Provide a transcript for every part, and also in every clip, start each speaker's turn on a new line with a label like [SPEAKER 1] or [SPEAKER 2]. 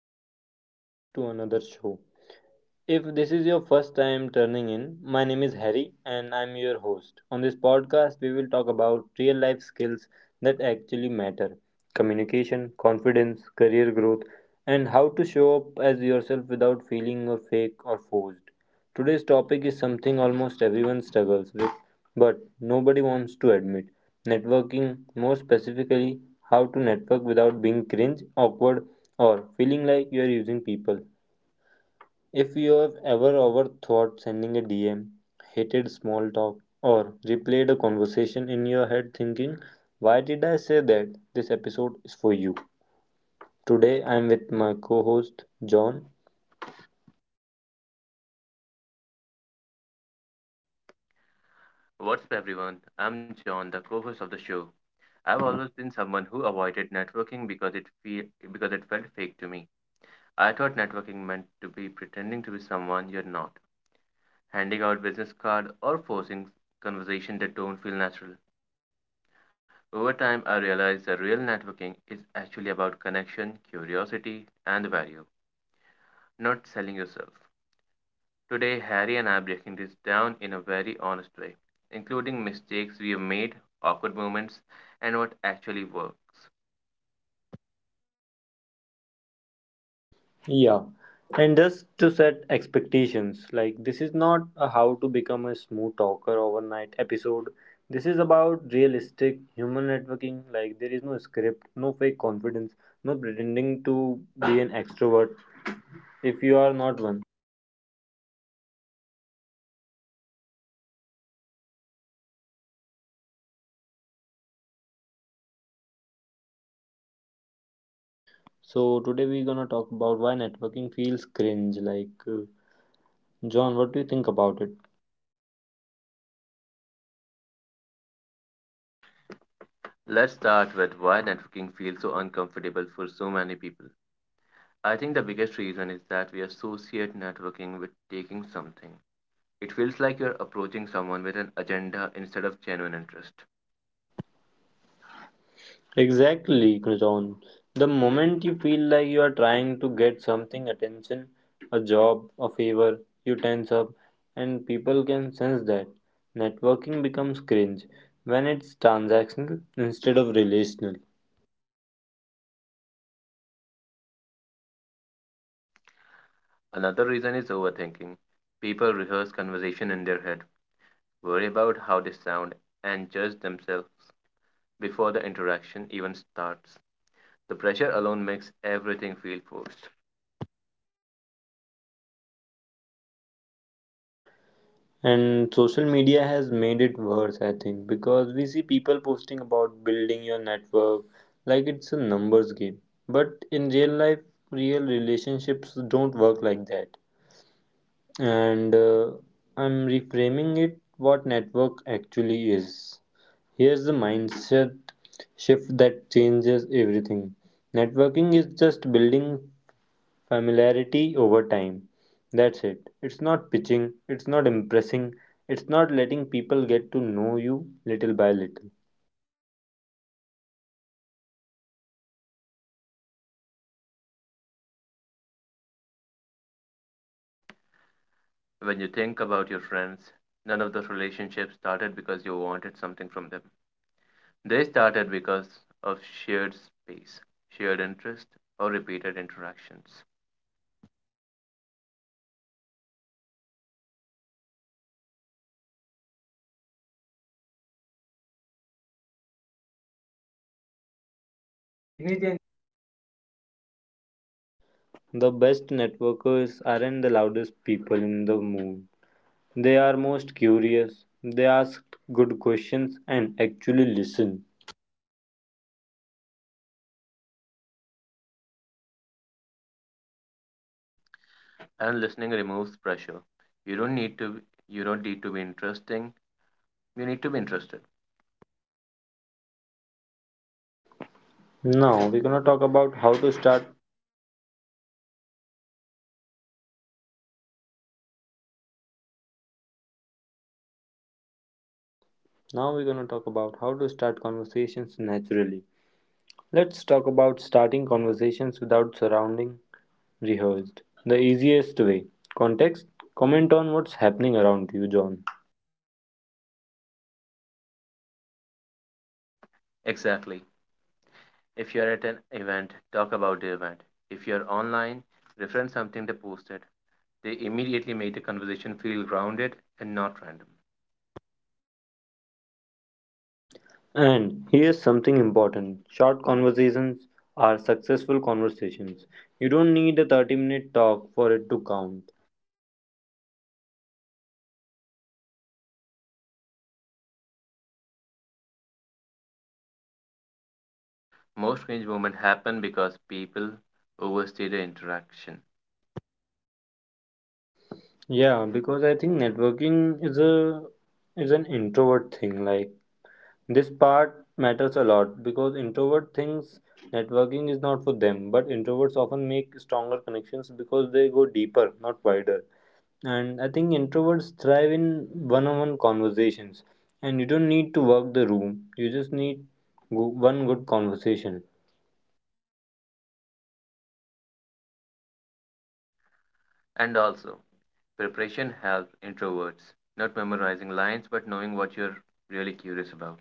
[SPEAKER 1] welcome back to another show. If this is your first time turning in, my name is Harry and I'm your host. On this podcast, we will talk about real life skills that actually matter: communication, confidence, career growth, and how to show up as yourself without feeling or fake or forced. Today's topic is something almost everyone struggles with, but nobody wants to admit: networking. More specifically, how to network without being cringe, awkward, or feeling like you are using people. If you have ever overthought sending a DM, hated small talk, or replayed a conversation in your head thinking, why did I say that? This episode is for you. Today I'm with my co host John.
[SPEAKER 2] What's up, everyone? I'm John, the co-host of the show. I've always been someone who avoided networking because it felt fake to me. I thought networking meant to be pretending to be someone you're not, handing out business card or forcing conversation that don't feel natural. Over time, I realized that real networking is actually about connection, curiosity, and value, not selling yourself. Today, Harry and I are breaking this down in a very honest way, including mistakes we have made, awkward moments, and what actually works.
[SPEAKER 1] Yeah. And just to set expectations, like, this is not a how to become a smooth talker overnight episode. This is about realistic human networking. Like, there is no script, no fake confidence, no pretending to be an extrovert if you are not one. So today we're gonna talk about why networking feels cringe. John, what do you think about it?
[SPEAKER 2] Let's start with why networking feels so uncomfortable for so many people. I think the biggest reason is that we associate networking with taking something. It feels like you're approaching someone with an agenda instead of genuine interest.
[SPEAKER 1] Exactly, John. The moment you feel like you are trying to get something, attention, a job, a favor, you tense up, and people can sense that. Networking becomes cringe when it's transactional instead of relational.
[SPEAKER 2] Another reason is overthinking. People rehearse conversation in their head, worry about how they sound, and judge themselves before the interaction even starts. The pressure alone makes everything feel forced.
[SPEAKER 1] And social media has made it worse, I think, because we see people posting about building your network like it's a numbers game. But in real life, real relationships don't work like that. And I'm reframing it what network actually is. Here's the mindset shift that changes everything. Networking is just building familiarity over time. That's it. It's not pitching, it's not impressing, it's not letting people get to know you little by little.
[SPEAKER 2] When you think about your friends, none of those relationships started because you wanted something from them. They started because of shared space, shared interest, or repeated interactions.
[SPEAKER 1] The best networkers aren't the loudest people in the room. They are most curious. They ask good questions and actually listen.
[SPEAKER 2] And listening removes pressure. You don't need to you don't need to be interesting. You need to be interested.
[SPEAKER 1] Now we're gonna talk about how to start. Now we're gonna talk about how to start conversations naturally. Let's talk about starting conversations without surrounding rehearsed. The easiest way. Context. Comment on what's happening around you, John.
[SPEAKER 2] Exactly. If you're at an event, talk about the event. If you're online, reference something they posted. They immediately make the conversation feel grounded and not random.
[SPEAKER 1] And here's something important: short conversations are successful conversations. You don't need a 30-minute talk for it to count.
[SPEAKER 2] Most cringe moments happen because people overstay the interaction.
[SPEAKER 1] Yeah, because I think networking is a is an introvert thing. Like, this part matters a lot because introvert thinks networking is not for them, but introverts often make stronger connections because they go deeper, not wider. And I think introverts thrive in one on one conversations. And you don't need to work the room, you just need one good conversation.
[SPEAKER 2] And also, preparation helps introverts, not memorizing lines but knowing what you're really curious about.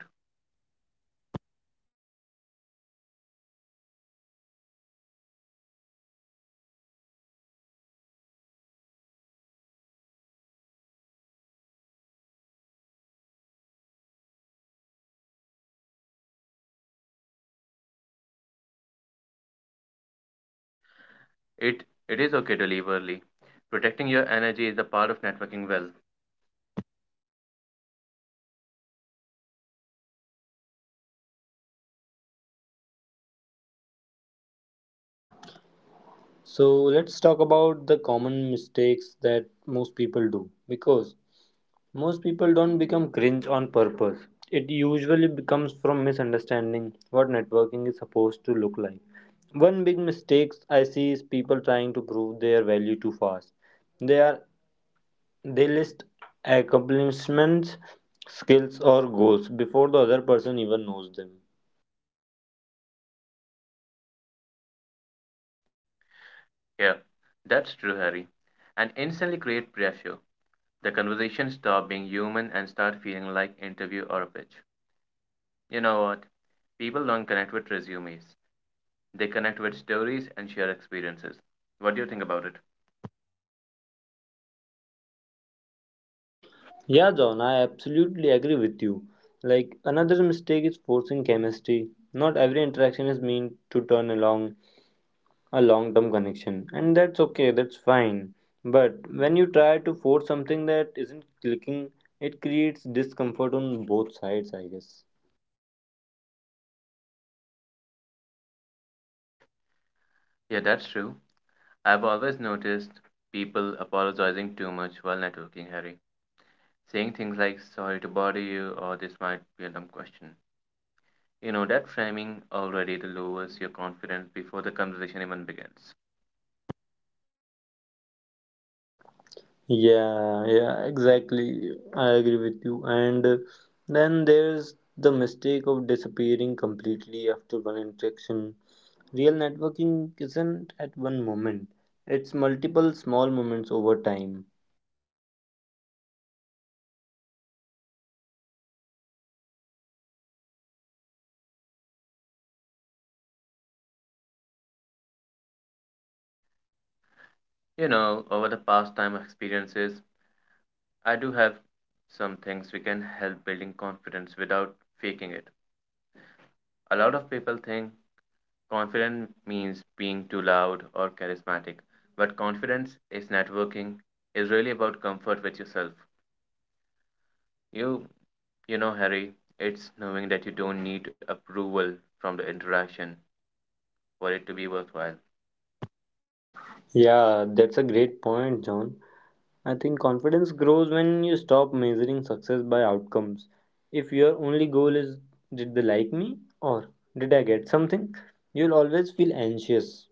[SPEAKER 2] It it is okay to leave early. Protecting your energy is a part of networking well.
[SPEAKER 1] So, let's talk about the common mistakes that most people do, because most people don't become cringe on purpose. It usually becomes from misunderstanding what networking is supposed to look like. One big mistake I see is people trying to prove their value too fast. They are They list accomplishments, skills, or goals before the other person even knows them.
[SPEAKER 2] Yeah, that's true, Harry. And instantly create pressure. The conversation stop being human and start feeling like interview or a pitch. You know what? People don't connect with resumes. They connect with stories and share experiences. What do you think about it?
[SPEAKER 1] Yeah, John, I absolutely agree with you. Like, another mistake is forcing chemistry. Not every interaction is meant to turn along a long term connection, and that's okay, that's fine. But when you try to force something that isn't clicking, it creates discomfort on both sides, I guess.
[SPEAKER 2] Yeah, that's true. I've always noticed people apologizing too much while networking, Harry. Saying things like, sorry to bother you, or this might be a dumb question. You know, that framing already lowers your confidence before the conversation even begins.
[SPEAKER 1] Yeah, yeah, exactly. I agree with you. And Then there's the mistake of disappearing completely after one interaction. Real networking isn't at one moment, it's multiple small moments over time.
[SPEAKER 2] You know, over the past time experiences, I do have some things we can help building confidence without faking it. A lot of people think confident means being too loud or charismatic, but confidence is networking, is really about comfort with yourself. You, you know, Harry, it's knowing that you don't need approval from the interaction for it to be worthwhile.
[SPEAKER 1] Yeah, that's a great point, John. I think confidence grows when you stop measuring success by outcomes. If your only goal is, did they like me? Or did I get something? You'll always feel anxious.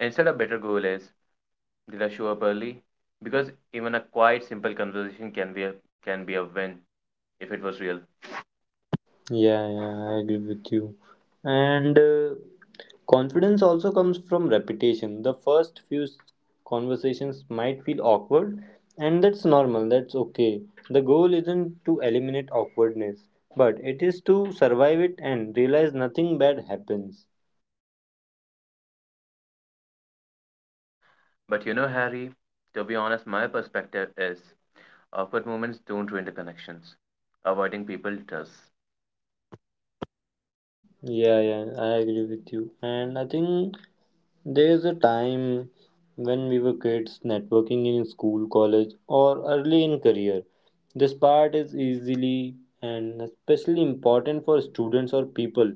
[SPEAKER 2] Instead, a better goal is, did I show up early? Because even a quiet, simple conversation can be a win if it was real.
[SPEAKER 1] Yeah, yeah, I agree with you. And Confidence also comes from repetition. The first conversations might feel awkward, and that's normal, that's okay. The goal isn't to eliminate awkwardness, but it is to survive it and realize nothing bad happens.
[SPEAKER 2] But you know, Harry, to be honest, my perspective is awkward moments don't ruin the connections. Avoiding people does.
[SPEAKER 1] Yeah, yeah, I agree with you. And I think there is a time when we were kids networking in school, college, or early in career. This part is easily and especially important for students or people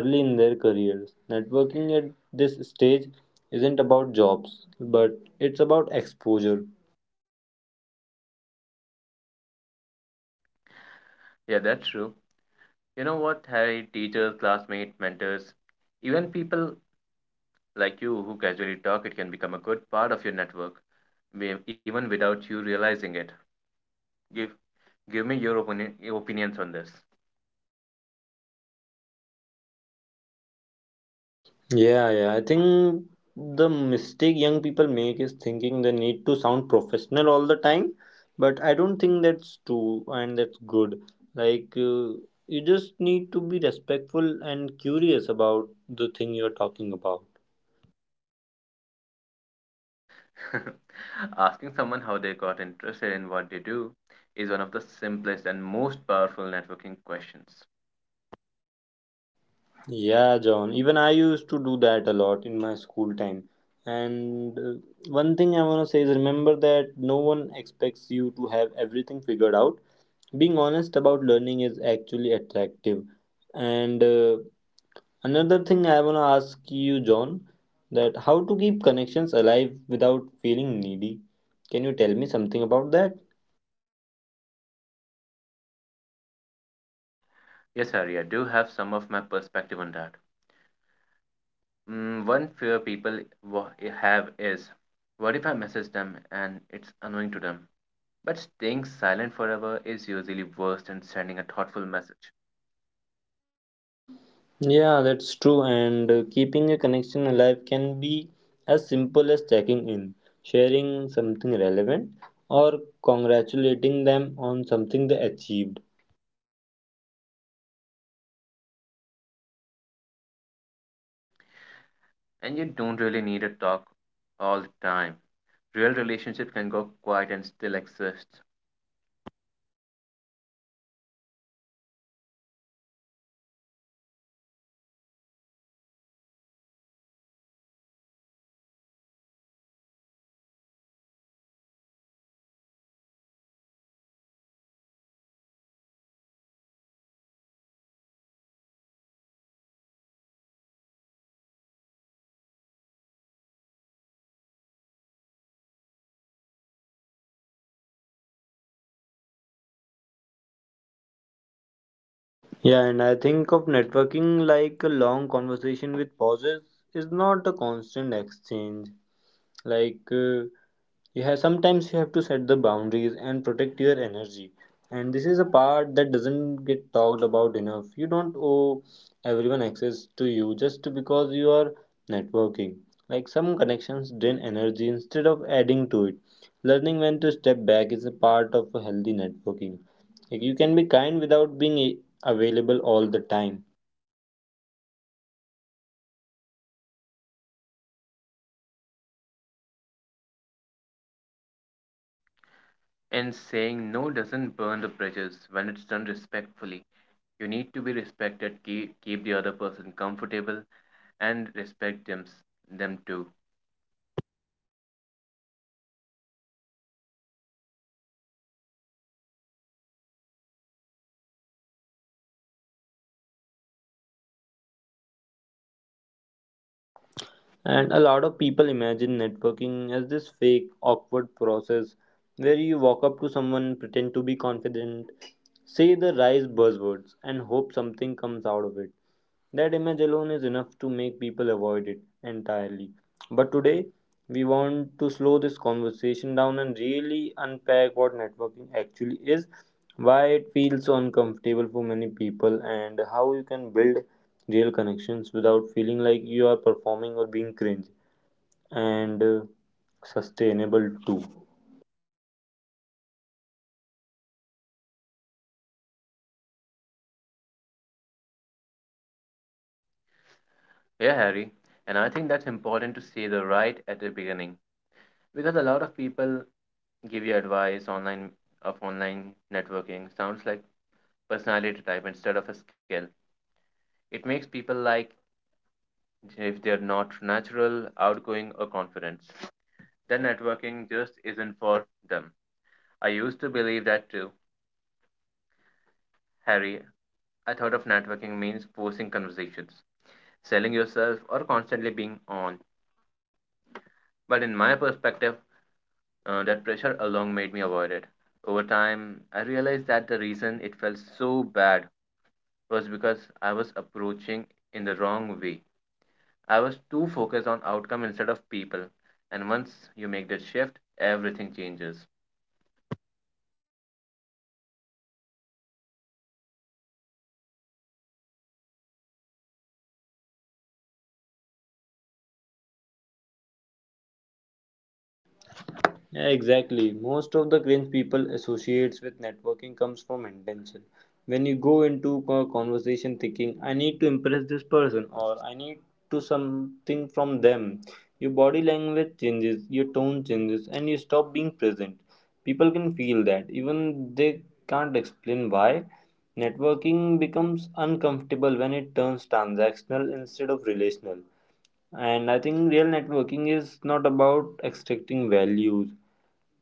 [SPEAKER 1] early in their careers. Networking at this stage isn't about jobs, but it's about exposure.
[SPEAKER 2] Yeah, that's true. You know what, Harry? Teachers, classmates, mentors, even people like you who casually talk, it can become a good part of your network, even without you realizing it. Give give me your opinion, your opinions on this.
[SPEAKER 1] Yeah, yeah. I think the mistake young people make is thinking they need to sound professional all the time, but I don't think that's true and that's good. Like, uh, you just need to be respectful and curious about the thing you're talking about.
[SPEAKER 2] Asking someone how they got interested in what they do is one of the simplest and most powerful networking questions.
[SPEAKER 1] Yeah, John. Even I used to do that a lot in my school time. And One thing I want to say is, remember that no one expects you to have everything figured out. Being honest about learning is actually attractive, and another thing I want to ask you, John, that how to keep connections alive without feeling needy. Can you tell me something about that?
[SPEAKER 2] Yes, Harry, I do have some of my perspective on that. Mm, one fear people have is, what if I message them and it's annoying to them? But staying silent forever is usually worse than sending a thoughtful message.
[SPEAKER 1] Yeah, that's true. And Keeping a connection alive can be as simple as checking in, sharing something relevant, or congratulating them on something they achieved.
[SPEAKER 2] And you don't really need a talk all the time. Real relationships can go quiet and still exist.
[SPEAKER 1] Yeah, and I think of networking like a long conversation with pauses, is not a constant exchange. Like uh, you have, sometimes you have to set the boundaries and protect your energy, and this is a part that doesn't get talked about enough. You don't owe everyone access to you just because you are networking. Like, some connections drain energy instead of adding to it. Learning when to step back is a part of a healthy networking. Like, you can be kind without being available all the time.
[SPEAKER 2] And saying no doesn't burn the bridges when it's done respectfully. You need to be respected, keep the other person comfortable, and respect them too.
[SPEAKER 1] And a lot of people imagine networking as this fake, awkward process where you walk up to someone, pretend to be confident, say the right buzzwords, and hope something comes out of it. That image alone is enough to make people avoid it entirely. But today, we want to slow this conversation down and really unpack what networking actually is, why it feels so uncomfortable for many people, and how you can build real connections without feeling like you are performing or being cringe and sustainable too.
[SPEAKER 2] Yeah, Harry. And I think that's important to say the right at the beginning because a lot of people give you advice online of online networking. Sounds like personality type instead of a skill. It makes people like if they're not natural, outgoing, or confident, then networking just isn't for them. I used to believe that too, Harry. I thought of networking means forcing conversations, selling yourself, or constantly being on. But in my perspective, that pressure alone made me avoid it. Over time, I realized that the reason it felt so bad was because I was approaching in the wrong way. I was too focused on outcome instead of people. And once you make that shift, everything changes.
[SPEAKER 1] Yeah, exactly. Most of the cringe people associates with networking comes from intention. When you go into a conversation thinking, I need to impress this person, or I need to something from them, your body language changes, your tone changes, and you stop being present. People can feel that, even they can't explain why. Networking becomes uncomfortable when it turns transactional instead of relational. And I think real networking is not about extracting values,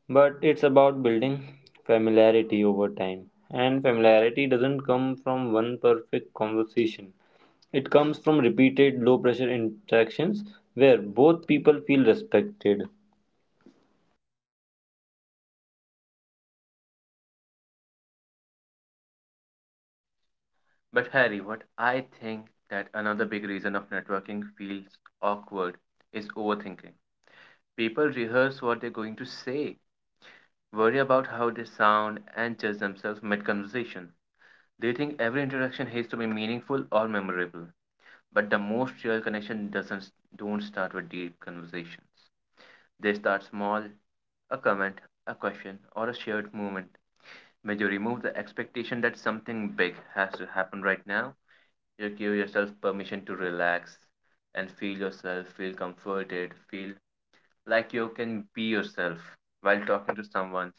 [SPEAKER 1] but it's about building familiarity over time. And familiarity doesn't come from one perfect conversation, it comes from repeated low pressure interactions where both people feel respected.
[SPEAKER 2] But Harry, what I think that another big reason of networking feels awkward is overthinking. People rehearse what they're going to say, worry about how they sound, and judge themselves mid conversation. They think every interaction has to be meaningful or memorable. But the most real connection doesn't don't start with deep conversations. They start small, a comment, a question, or a shared moment. When you remove the expectation that something big has to happen right now, you give yourself permission to relax and feel yourself, feel comforted, feel like you can be yourself while talking to someone.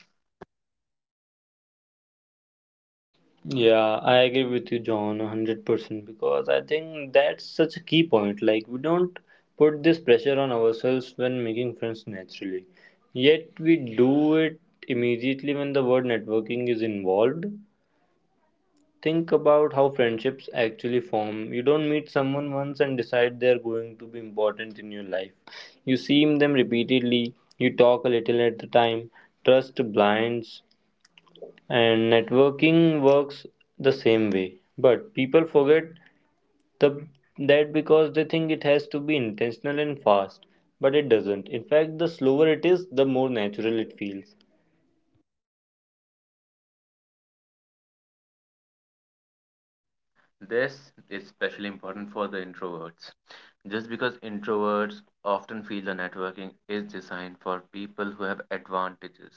[SPEAKER 1] Yeah, I agree with you, John, 100% because I think that's such a key point. Like, we don't put this pressure on ourselves when making friends naturally, yet we do it immediately when the word networking is involved. Think about how friendships actually form. You don't meet someone once and decide they're going to be important in your life. You see them repeatedly, you talk a little at a time, trust blinds, and networking works the same way, but people forget the, that, because they think it has to be intentional and fast, but it doesn't. In fact, the slower it is, the more natural it feels.
[SPEAKER 2] This is especially important for the introverts. Just because introverts often feel the networking is designed for people who have advantages.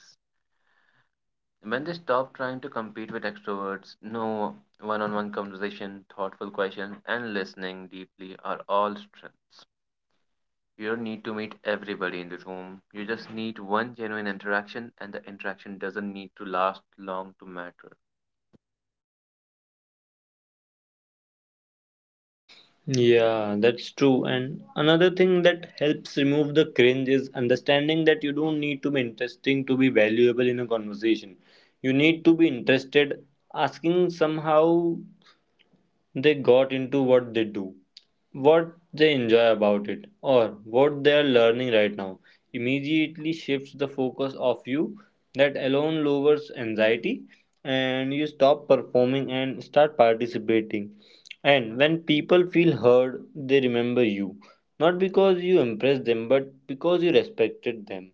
[SPEAKER 2] When they stop trying to compete with extroverts, no one on one conversation, thoughtful question, and listening deeply are all strengths. You don't need to meet everybody in the room. You just need one genuine interaction, and the interaction doesn't need to last long to matter.
[SPEAKER 1] Yeah, that's true. And another thing that helps remove the cringe is understanding that you don't need to be interesting to be valuable in a conversation, you need to be interested. Asking somehow they got into what they do, what they enjoy about it, or what they are learning right now, immediately shifts the focus of you. That alone lowers anxiety, and you stop performing and start participating. And when people feel heard, they remember you. Not because you impressed them, but because you respected them.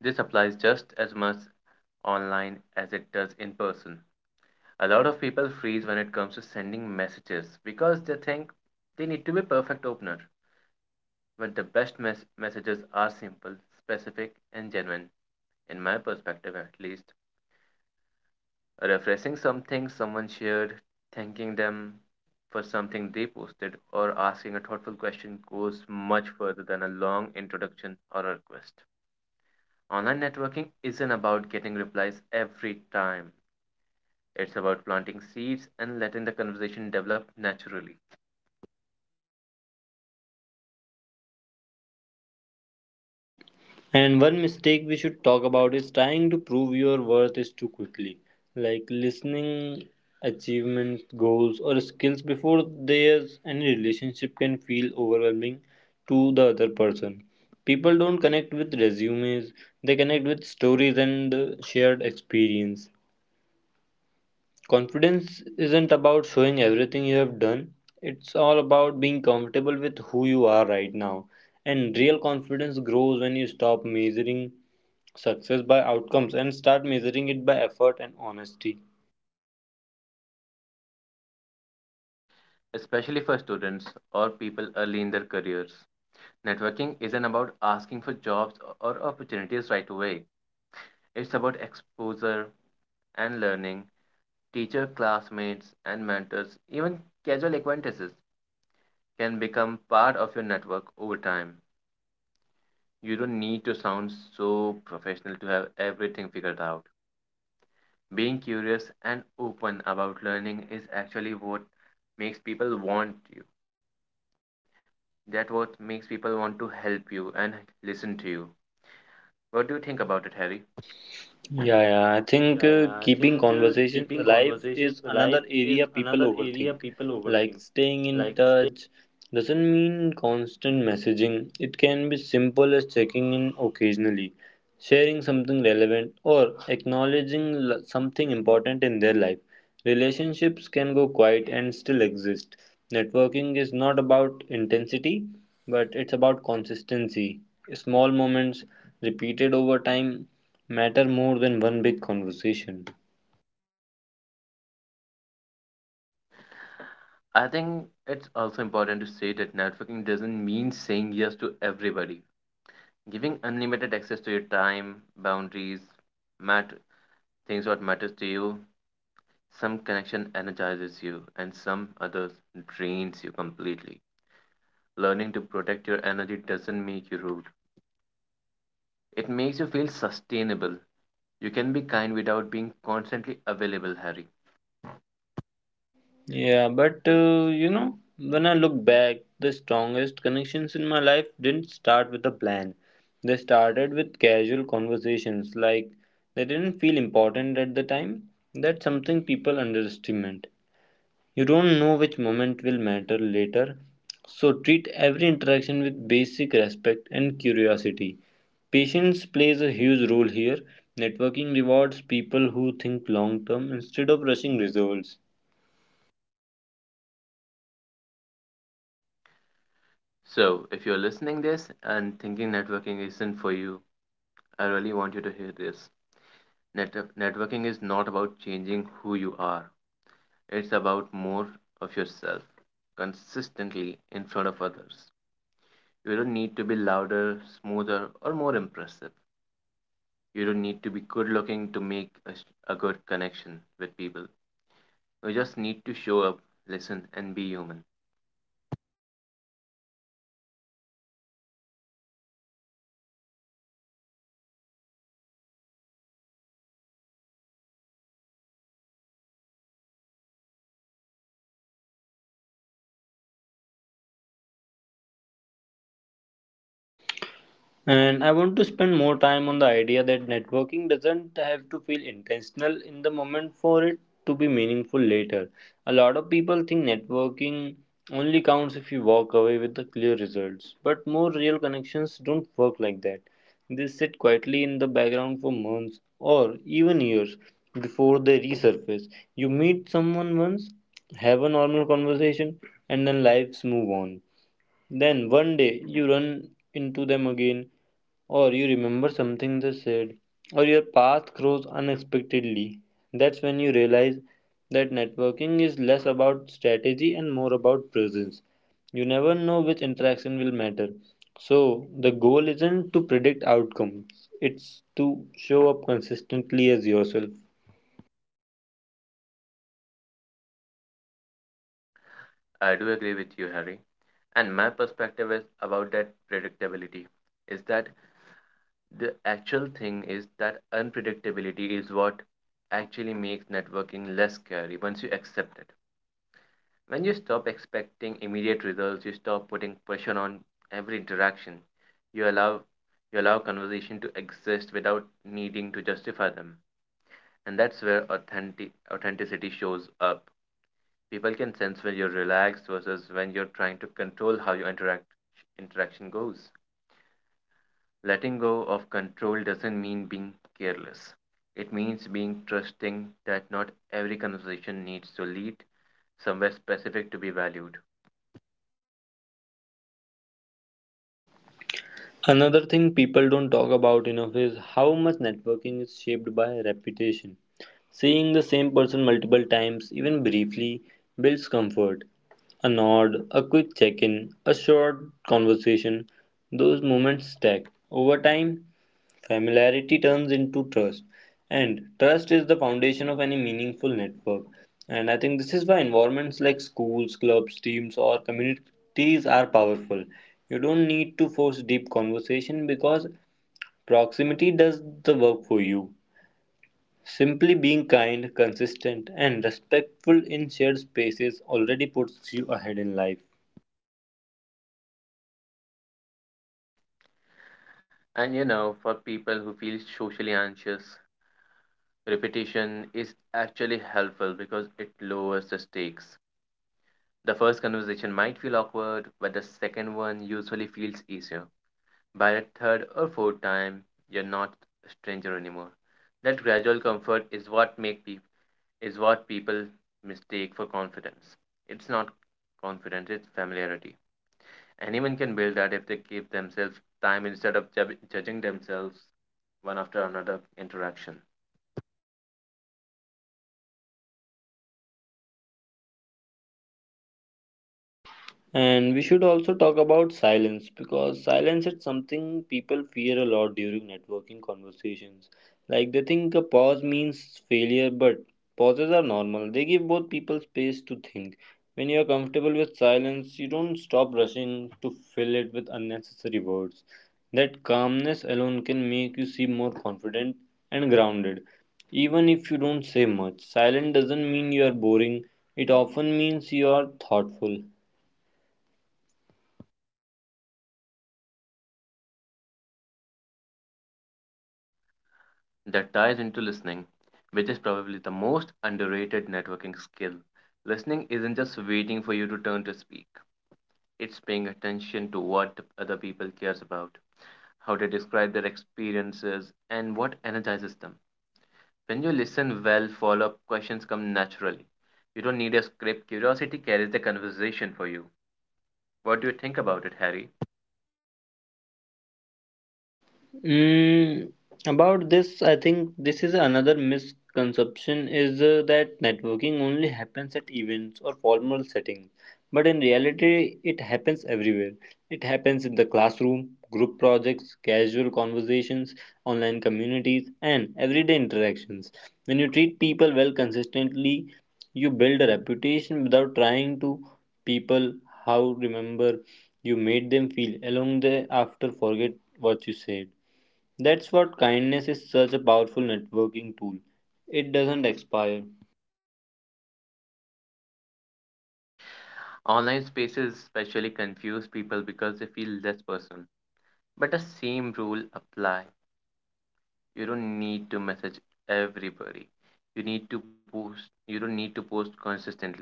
[SPEAKER 2] This applies just as much online as it does in person. A lot of people freeze when it comes to sending messages because they think they need to be perfect opener. But the best messages are simple, specific, and genuine. In my perspective, at least, refreshing something someone shared, thanking them for something they posted, or asking a thoughtful question goes much further than a long introduction or a request. Online networking isn't about getting replies every time. It's about planting seeds and letting the conversation develop naturally,
[SPEAKER 1] And one mistake we should talk about is trying to prove your worth is too quickly. Like, listening, achievements, goals, or skills before there's any relationship can feel overwhelming to the other person. People don't connect with resumes, they connect with stories and shared experience. Confidence isn't about showing everything you have done, it's all about being comfortable with who you are right now. And real confidence grows when you stop measuring success by outcomes and start measuring it by effort and honesty.
[SPEAKER 2] especially for students or people early in their careers. Networking isn't about asking for jobs or opportunities right away. It's about exposure and learning. Teacher, classmates, and mentors, even casual acquaintances, can become part of your network over time. You don't need to sound so professional to have everything figured out. Being curious and open about learning is actually what makes people want you. That what makes people want to help you and listen to you. What do you think about it, Harry?
[SPEAKER 1] Yeah, yeah. I think keeping conversations alive is another area people overthink. Like, staying in touch doesn't mean constant messaging. It can be simple as checking in occasionally, sharing something relevant, or acknowledging something important in their life. Relationships can go quiet and still exist. Networking is not about intensity, but it's about consistency. Small moments repeated over time matter more than one big conversation.
[SPEAKER 2] I think it's also important to say that networking doesn't mean saying yes to everybody. Giving unlimited access to your time, boundaries, matter things what matters to you. Some connection energizes you and some others drains you completely. Learning to protect your energy doesn't make you rude. It makes you feel sustainable. You can be kind without being constantly available, Harry.
[SPEAKER 1] Yeah, but you know, when I look back, the strongest connections in my life didn't start with a plan. They started with casual conversations, like, they didn't feel important at the time. That's something people underestimate. You don't know which moment will matter later, so treat every interaction with basic respect and curiosity. Patience plays a huge role here. Networking rewards people who think long term instead of rushing results.
[SPEAKER 2] So, if you're listening this and thinking networking isn't for you, I really want you to hear this. Networking is not about changing who you are, it's about more of yourself consistently in front of others. You don't need to be louder, smoother, or more impressive. You don't need to be good looking to make a good connection with people. You just need to show up, listen, and be human.
[SPEAKER 1] And I want to spend more time on the idea that networking doesn't have to feel intentional in the moment for it to be meaningful later. A lot of people think networking only counts if you walk away with the clear results, but more real connections don't work like that. They sit quietly in the background for months or even years before they resurface. You meet someone once, have a normal conversation, and then lives move on. Then one day you run into them again, or you remember something they said, or your path grows unexpectedly. That's when you realize that networking is less about strategy and more about presence. You never know which interaction will matter. So, the goal isn't to predict outcomes, it's to show up consistently as yourself.
[SPEAKER 2] I do agree with you, Harry. And my perspective is about that predictability is that the actual thing is that unpredictability is what actually makes networking less scary once you accept it. When you stop expecting immediate results, you stop putting pressure on every interaction. You allow you allow conversation to exist without needing to justify them. And that's where authenticity shows up. People can sense when you're relaxed versus when you're trying to control how your interaction goes. Letting go of control doesn't mean being careless. It means being trusting that not every conversation needs to lead somewhere specific to be valued.
[SPEAKER 1] Another thing people don't talk about enough is how much networking is shaped by reputation. Seeing the same person multiple times, even briefly, builds comfort. A nod, a quick check in, a short conversation, those moments stack. Over time, familiarity turns into trust, and trust is the foundation of any meaningful network. And I think this is why environments like schools, clubs, teams, or communities are powerful. You don't need to force deep conversation because proximity does the work for you. Simply being kind, consistent, and respectful in shared spaces already puts you ahead in life.
[SPEAKER 2] And you know, for people who feel socially anxious, repetition is actually helpful because it lowers the stakes. The first conversation might feel awkward, but the second one usually feels easier. By the third or fourth time, you're not a stranger anymore. That gradual comfort is what makes is what people mistake for confidence. It's not confidence, it's familiarity. Anyone can build that if they give themselves time instead of judging themselves one after another interaction.
[SPEAKER 1] And we should also talk about silence, because silence is something people fear a lot during networking conversations. Like, they think a pause means failure, but pauses are normal. They give both people space to think. When you are comfortable with silence, you don't stop rushing to fill it with unnecessary words. That calmness alone can make you seem more confident and grounded. Even if you don't say much, silence doesn't mean you are boring, it often means you are thoughtful.
[SPEAKER 2] That ties into listening, which is probably the most underrated networking skill. Listening isn't just waiting for you to turn to speak, it's paying attention to what other people cares about, how they describe their experiences, and what energizes them. When you listen well, follow up questions come naturally. You don't need a script, curiosity carries the conversation for you. What do you think about it, Harry?
[SPEAKER 1] Mm, about this, I think this is another misconception is that networking only happens at events or formal settings. But in reality, it happens everywhere. It happens in the classroom, group projects, casual conversations, online communities, and everyday interactions. When you treat people well consistently, you build a reputation without trying to. People how remember you made them feel along the after forget what you said. That's what kindness is such a powerful networking tool. It doesn't expire.
[SPEAKER 2] Online spaces especially confuse people because they feel less personal. But the same rule apply. You don't need to message everybody. You need to post you don't need to post consistently.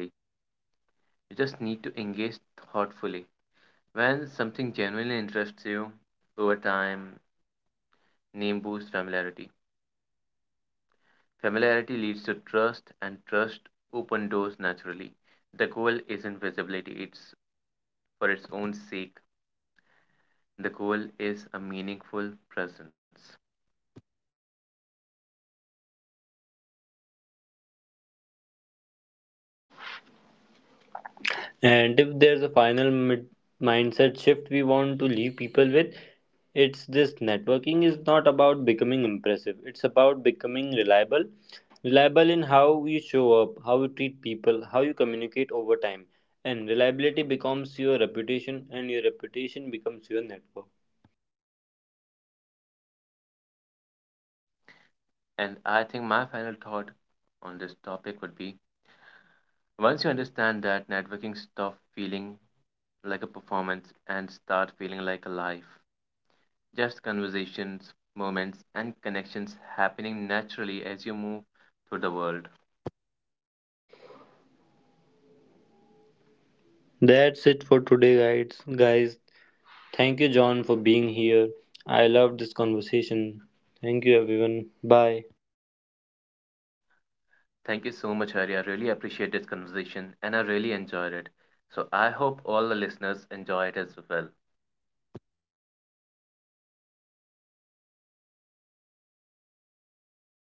[SPEAKER 2] You just need to engage thoughtfully. When something genuinely interests you, over time, name boosts familiarity. Familiarity leads to trust, and trust open doors naturally. The goal isn't visibility, it's for its own sake. The goal is a meaningful presence.
[SPEAKER 1] And if there's a mindset shift we want to leave people with, it's this: networking is not about becoming impressive, it's about becoming reliable. Reliable in how you show up, how you treat people, how you communicate over time. And reliability becomes your reputation, and your reputation becomes your network.
[SPEAKER 2] And I think my final thought on this topic would be once you understand that networking stop feeling like a performance and start feeling like a life. Just conversations, moments, and connections happening naturally as you move through the world.
[SPEAKER 1] That's it for today, guys. Guys, thank you, John, for being here. I loved this conversation. Thank you, everyone. Bye.
[SPEAKER 2] Thank you so much, Hari. I really appreciate this conversation and I really enjoyed it. So I hope all the listeners enjoy it as well.